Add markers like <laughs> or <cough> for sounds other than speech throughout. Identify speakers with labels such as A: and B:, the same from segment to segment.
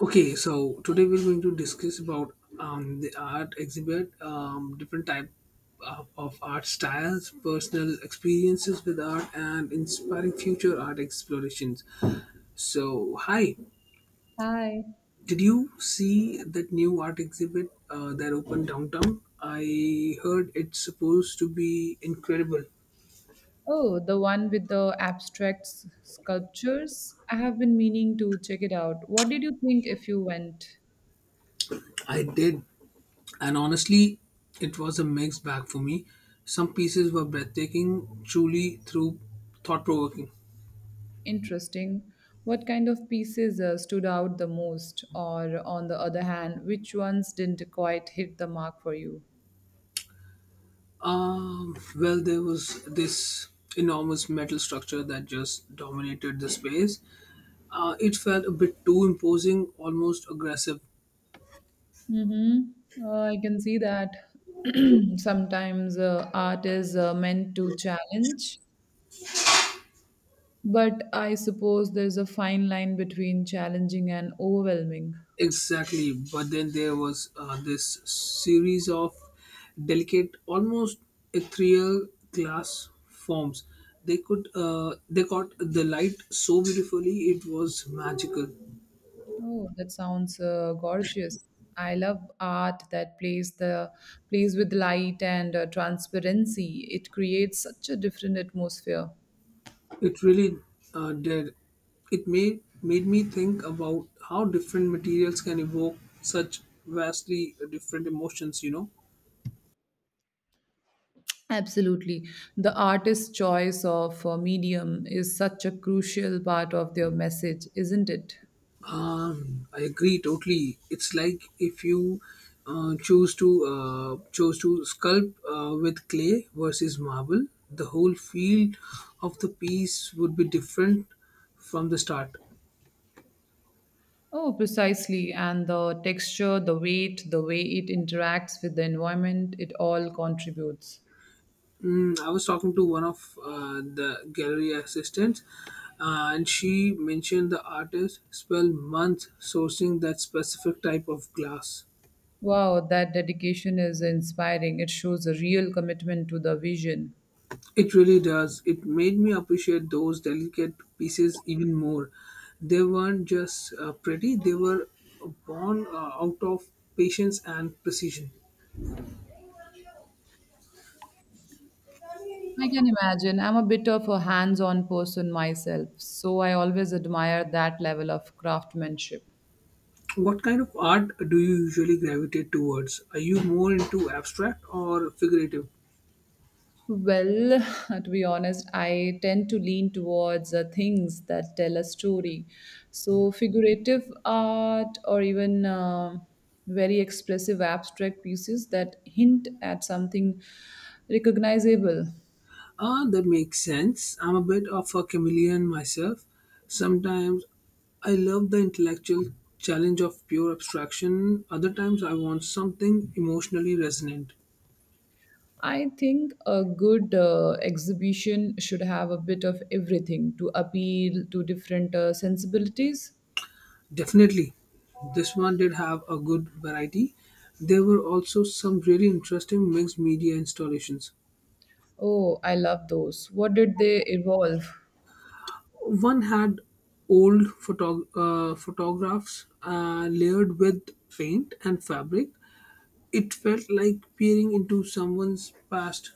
A: Okay, so today we're going to discuss about the art exhibit, different type of art styles, personal experiences with art, and inspiring future art explorations. So, hi,
B: Hi.
A: did you see that new art exhibit that opened downtown? I heard it's supposed to be incredible.
B: Oh, the one with the abstract sculptures. I have been meaning to check it out. What did you think if you went?
A: I did, and honestly, it was a mixed bag for me. Some pieces were breathtaking, truly through thought provoking.
B: Interesting. What kind of pieces stood out the most? Or, on the other hand, which ones didn't quite hit the mark for you?
A: Well, there was this enormous metal structure that just dominated the space. It felt a bit too imposing, almost aggressive.
B: Mm-hmm. I can see that <clears throat> sometimes art is meant to challenge, but I suppose there's a fine line between challenging and overwhelming.
A: Exactly. But then there was this series of delicate, almost ethereal glass forms. They could, they caught the light so beautifully, it was magical.
B: Oh, that sounds gorgeous. I love art that plays with light and transparency. It creates such a different atmosphere.
A: It really did. It made me think about how different materials can evoke such vastly different emotions.
B: Absolutely. The artist's choice of medium is such a crucial part of their message, isn't it?
A: I agree totally. It's like if you choose to chose to sculpt with clay versus marble, the whole feel of the piece would be different from the start.
B: Oh, precisely. And the texture, the weight, the way it interacts with the environment, it all contributes.
A: Mm, I was talking to one of the gallery assistants, and she mentioned the artist spent months sourcing that specific type of glass.
B: Wow, that dedication is inspiring. It shows a real commitment to the vision.
A: It really does. It made me appreciate those delicate pieces even more. They weren't just pretty; they were born out of patience and precision.
B: I can imagine. I'm a bit of a hands on person myself, so I always admire that level of craftsmanship.
A: What kind of art do you usually gravitate towards? Are you more into abstract or figurative?
B: Well, <laughs> to be honest, I tend to lean towards things that tell a story. So, figurative art or even very expressive abstract pieces that hint at something recognizable.
A: Ah, that makes sense. I'm a bit of a chameleon myself. Sometimes I love the intellectual challenge of pure abstraction, other times I want something emotionally resonant.
B: I think a good exhibition should have a bit of everything to appeal to different sensibilities.
A: Definitely, this one did have a good variety. There were also some really interesting mixed media installations.
B: Oh, I love those. What did they evolve?
A: One had old photographs layered with paint and fabric. It felt like peering into someone's past.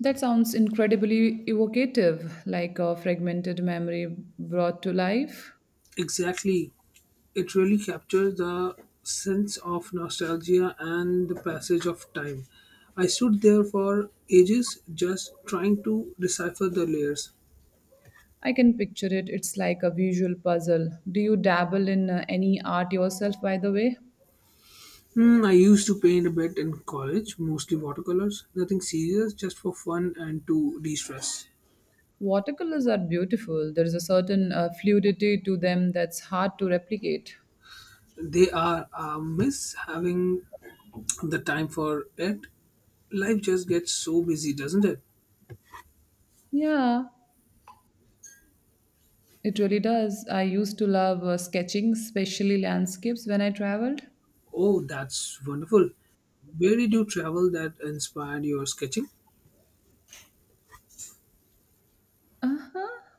B: That sounds incredibly evocative, like a fragmented memory brought to life.
A: Exactly. It really captures the sense of nostalgia and the passage of time. I stood there for ages just trying to decipher the layers.
B: I can picture it. It's like a visual puzzle. Do you dabble in any art yourself, by the way?
A: Hmm, I used to paint a bit in college, mostly watercolors, nothing serious, just for fun and to de stress.
B: Watercolors are beautiful. There is a certain fluidity to them that's hard to replicate.
A: They are a miss having the time for it. Life just gets so busy, doesn't it?
B: Yeah, it really does. I used to love sketching, especially landscapes when I traveled.
A: Oh, that's wonderful. Where did you travel that inspired your sketching?
B: Uh-huh.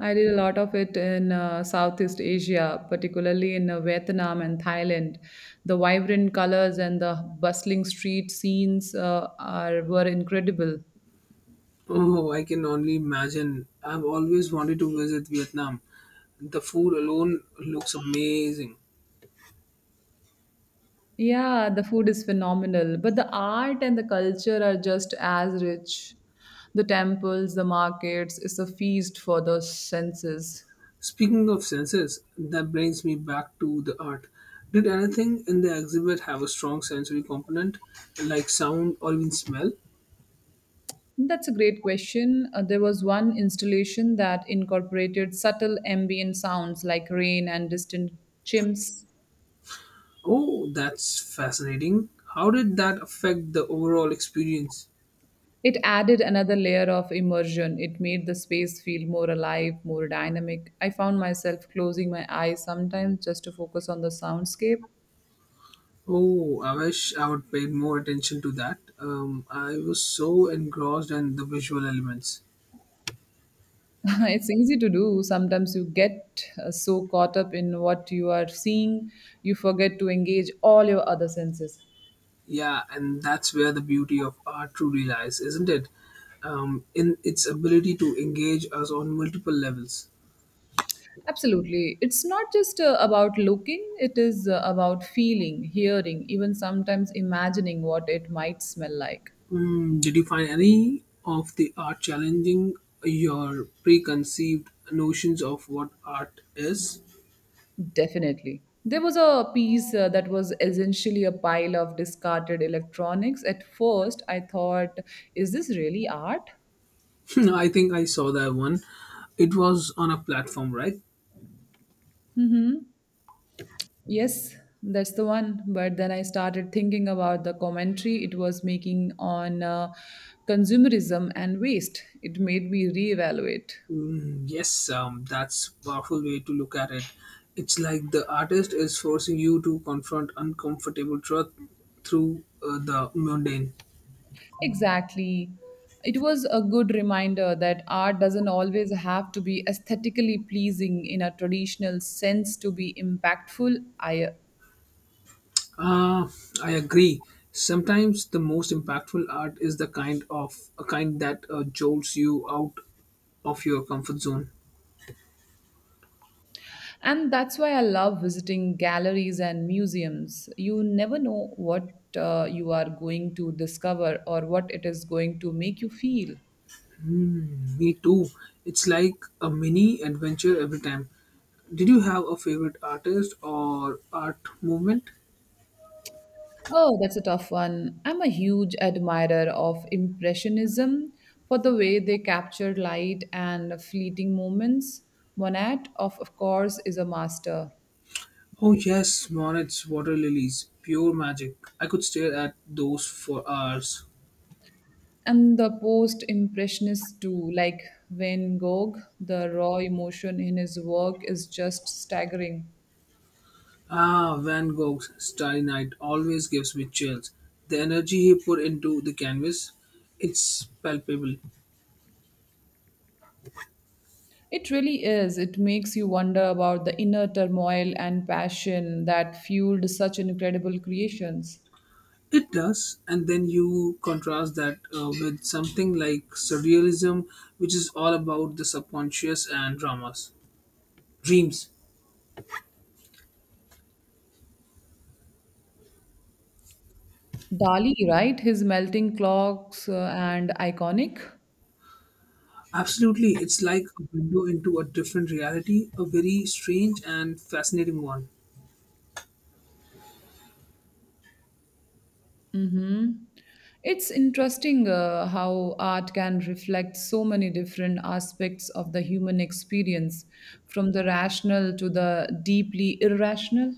B: I did a lot of it in Southeast Asia, particularly in Vietnam and Thailand. The vibrant colors and the bustling street scenes are were incredible.
A: Oh, I can only imagine. I've always wanted to visit Vietnam. The food alone looks amazing.
B: Yeah, the food is phenomenal, but the art and the culture are just as rich. The temples, the markets, it's a feast for the senses.
A: Speaking of senses, that brings me back to the art. Did anything in the exhibit have a strong sensory component, like sound or even smell?
B: That's a great question. There was one installation that incorporated subtle ambient sounds like rain and distant chimps.
A: Oh, that's fascinating. How did that affect the overall experience?
B: It added another layer of immersion. It made the space feel more alive, more dynamic. I found myself closing my eyes sometimes just to focus on the soundscape.
A: Oh, I wish I would paid more attention to that. I was so engrossed in the visual elements.
B: <laughs> It's easy to do. Sometimes you get so caught up in what you are seeing, you forget to engage all your other senses.
A: Yeah, and that's where the beauty of art truly lies, isn't it? In its ability to engage us on multiple levels.
B: Absolutely. It's not just about looking, it is about feeling, hearing, even sometimes imagining what it might smell like.
A: Hmm, did you find any of the art challenging your preconceived notions of what art is?
B: Definitely. There was a piece that was essentially a pile of discarded electronics. At first, I thought, is this really art?
A: <laughs> I think I saw that one. It was on a platform, right?
B: Mm-hmm. Yes, that's the one. But then I started thinking about the commentary it was making on consumerism and waste. It made me reevaluate.
A: Mm, yes, that's powerful way to look at it. It's like the artist is forcing you to confront uncomfortable truth through the mundane.
B: Exactly. It was a good reminder that art doesn't always have to be aesthetically pleasing in a traditional sense to be impactful.
A: Ah, I agree. Sometimes the most impactful art is the kind of a kind that jolts you out of your comfort zone.
B: And that's why I love visiting galleries and museums. You never know what you are going to discover or what it is going to make you feel.
A: Me too. It's like a mini adventure every time. Did you have a favorite artist or art movement?
B: Oh, that's a tough one. I'm a huge admirer of Impressionism for the way they capture light and fleeting moments. Monet, of course, is a master.
A: Oh yes, Monet's water lilies, pure magic. I could stare at those for hours.
B: And the post Impressionists, too, like Van Gogh, the raw emotion in his work is just staggering.
A: Ah, Van Gogh's Starry Night always gives me chills. The energy he put into the canvas, it's palpable.
B: It really is. It makes you wonder about the inner turmoil and passion that fueled such incredible creations.
A: It does, and then you contrast that with something like surrealism, which is all about the subconscious and dramas. Dreams.
B: Dali, right? His melting clocks and iconic.
A: Absolutely, it's like a window into a different reality, a very strange and fascinating one.
B: Mm-hmm. It's interesting how art can reflect so many different aspects of the human experience, from the rational to the deeply irrational.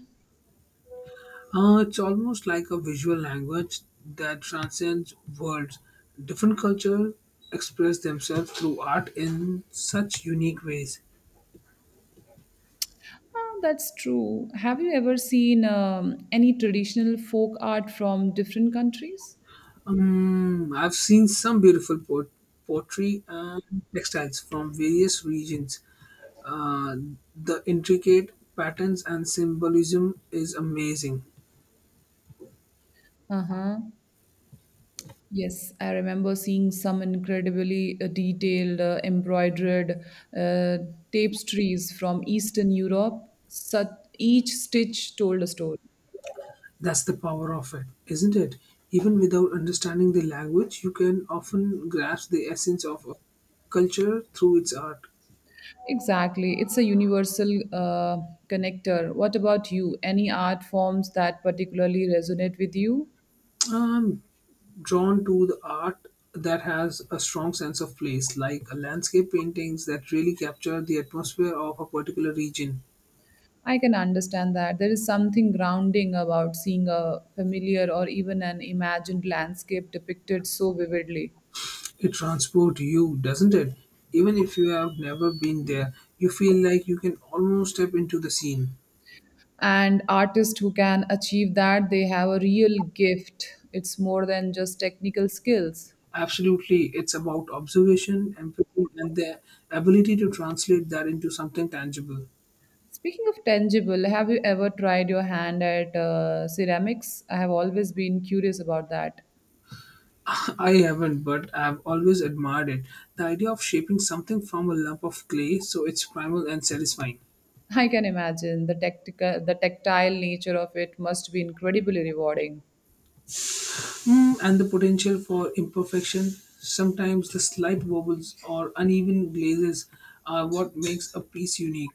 A: It's almost like a visual language that transcends words. Different cultures express themselves through art in such unique ways.
B: Ah, that's true. Have you ever seen any traditional folk art from different countries?
A: I've seen some beautiful pottery and textiles from various regions. Uh, the intricate patterns and symbolism is amazing.
B: Uh huh. Yes, I remember seeing some incredibly detailed, embroidered uh, tapestries from Eastern Europe. Each stitch told a story.
A: That's the power of it, isn't it? Even without understanding the language, you can often grasp the essence of a culture through its art.
B: Exactly. It's a universal connector. What about you? Any art forms that particularly resonate with you?
A: I'm drawn to the art that has a strong sense of place, like landscape paintings that really capture the atmosphere of a particular region.
B: I can understand that. There is something grounding about seeing a familiar or even an imagined landscape depicted so vividly.
A: It transports you, doesn't it? Even if you have never been there, you feel like you can almost step into the scene.
B: And artists who can achieve that, they have a real gift. It's more than just technical skills.
A: Absolutely, it's about observation, empathy, and the ability to translate that into something tangible.
B: Speaking of tangible, have you ever tried your hand at ceramics? I have always been curious about that.
A: <laughs> I haven't, but I've always admired it. The idea of shaping something from a lump of clay, so it's primal and satisfying.
B: I can imagine the tactile nature of it must be incredibly rewarding.
A: Mm, and the potential for imperfection. Sometimes the slight wobbles or uneven glazes are what makes a piece unique.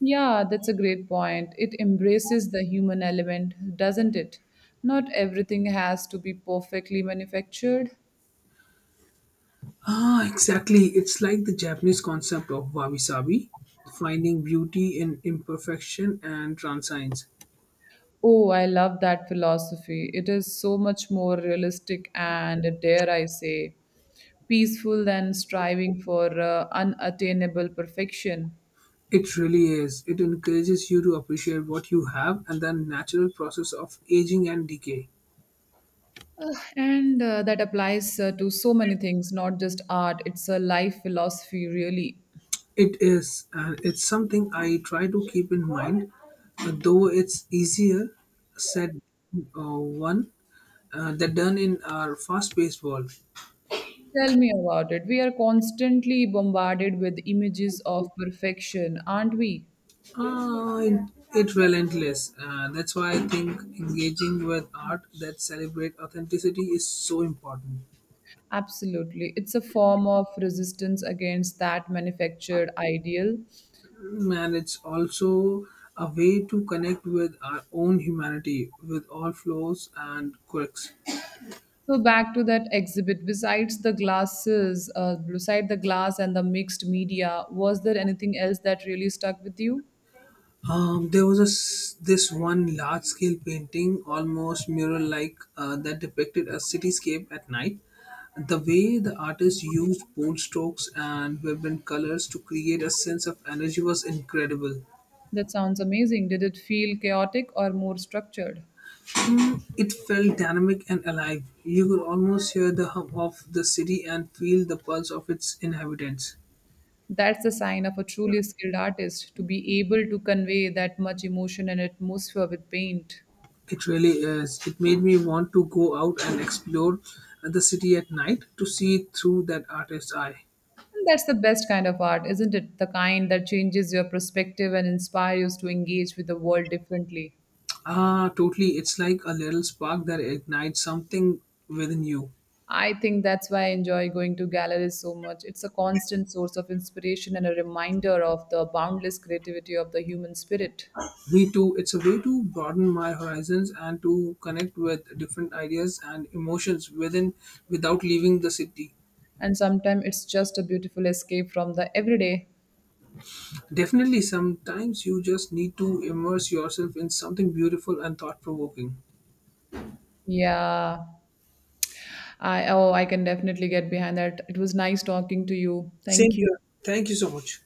B: Yeah, that's a great point. It embraces the human element, doesn't it? Not everything has to be perfectly manufactured.
A: Ah, exactly. It's like the Japanese concept of wabi sabi, finding beauty in imperfection and transience.
B: Oh, I love that philosophy. It is so much more realistic and, dare I say, peaceful than striving for unattainable perfection.
A: It really is. It encourages you to appreciate what you have and the natural process of aging and decay.
B: Ugh, and that applies to so many things, not just art. It's a life philosophy, really.
A: It is, and it's something I try to keep in mind, though it's easier said uh, one than done in our fast-paced world.
B: Tell me about it. We are constantly bombarded with images of perfection, aren't we?
A: It, it relentless. That's why I think engaging with art that celebrate authenticity is so important.
B: Absolutely. It's a form of resistance against that manufactured ideal.
A: Mm, and it's also a way to connect with our own humanity with all flaws and quirks.
B: So back to that exhibit. Besides the glasses, beside the glass and the mixed media, was there anything else that really stuck with you?
A: There was a s this one large scale painting, almost mural like, that depicted a cityscape at night. The way the artist used bold strokes and vibrant colors to create a sense of energy was incredible.
B: That sounds amazing. Did it feel chaotic or more structured?
A: Mm, it felt dynamic and alive. You could almost hear the hum of the city and feel the pulse of its inhabitants.
B: That's the sign of a truly skilled artist, to be able to convey that much emotion and atmosphere with paint.
A: It really is. It made me want to go out and explore the city at night to see through that artist's eye.
B: And that's the best kind of art, isn't it? The kind that changes your perspective and inspires you to engage with the world differently.
A: Ah, totally. It's like a little spark that ignites something within you.
B: I think that's why I enjoy going to galleries so much. It's a constant source of inspiration and a reminder of the boundless creativity of the human spirit.
A: Me too. It's a way to broaden my horizons and to connect with different ideas and emotions within without leaving the city.
B: And sometimes it's just a beautiful escape from the everyday.
A: Definitely, sometimes you just need to immerse yourself in something beautiful and thought provoking.
B: Yeah. I can definitely get behind that. It was nice talking to you.
A: Same
B: Thank you.
A: here. Thank you so much.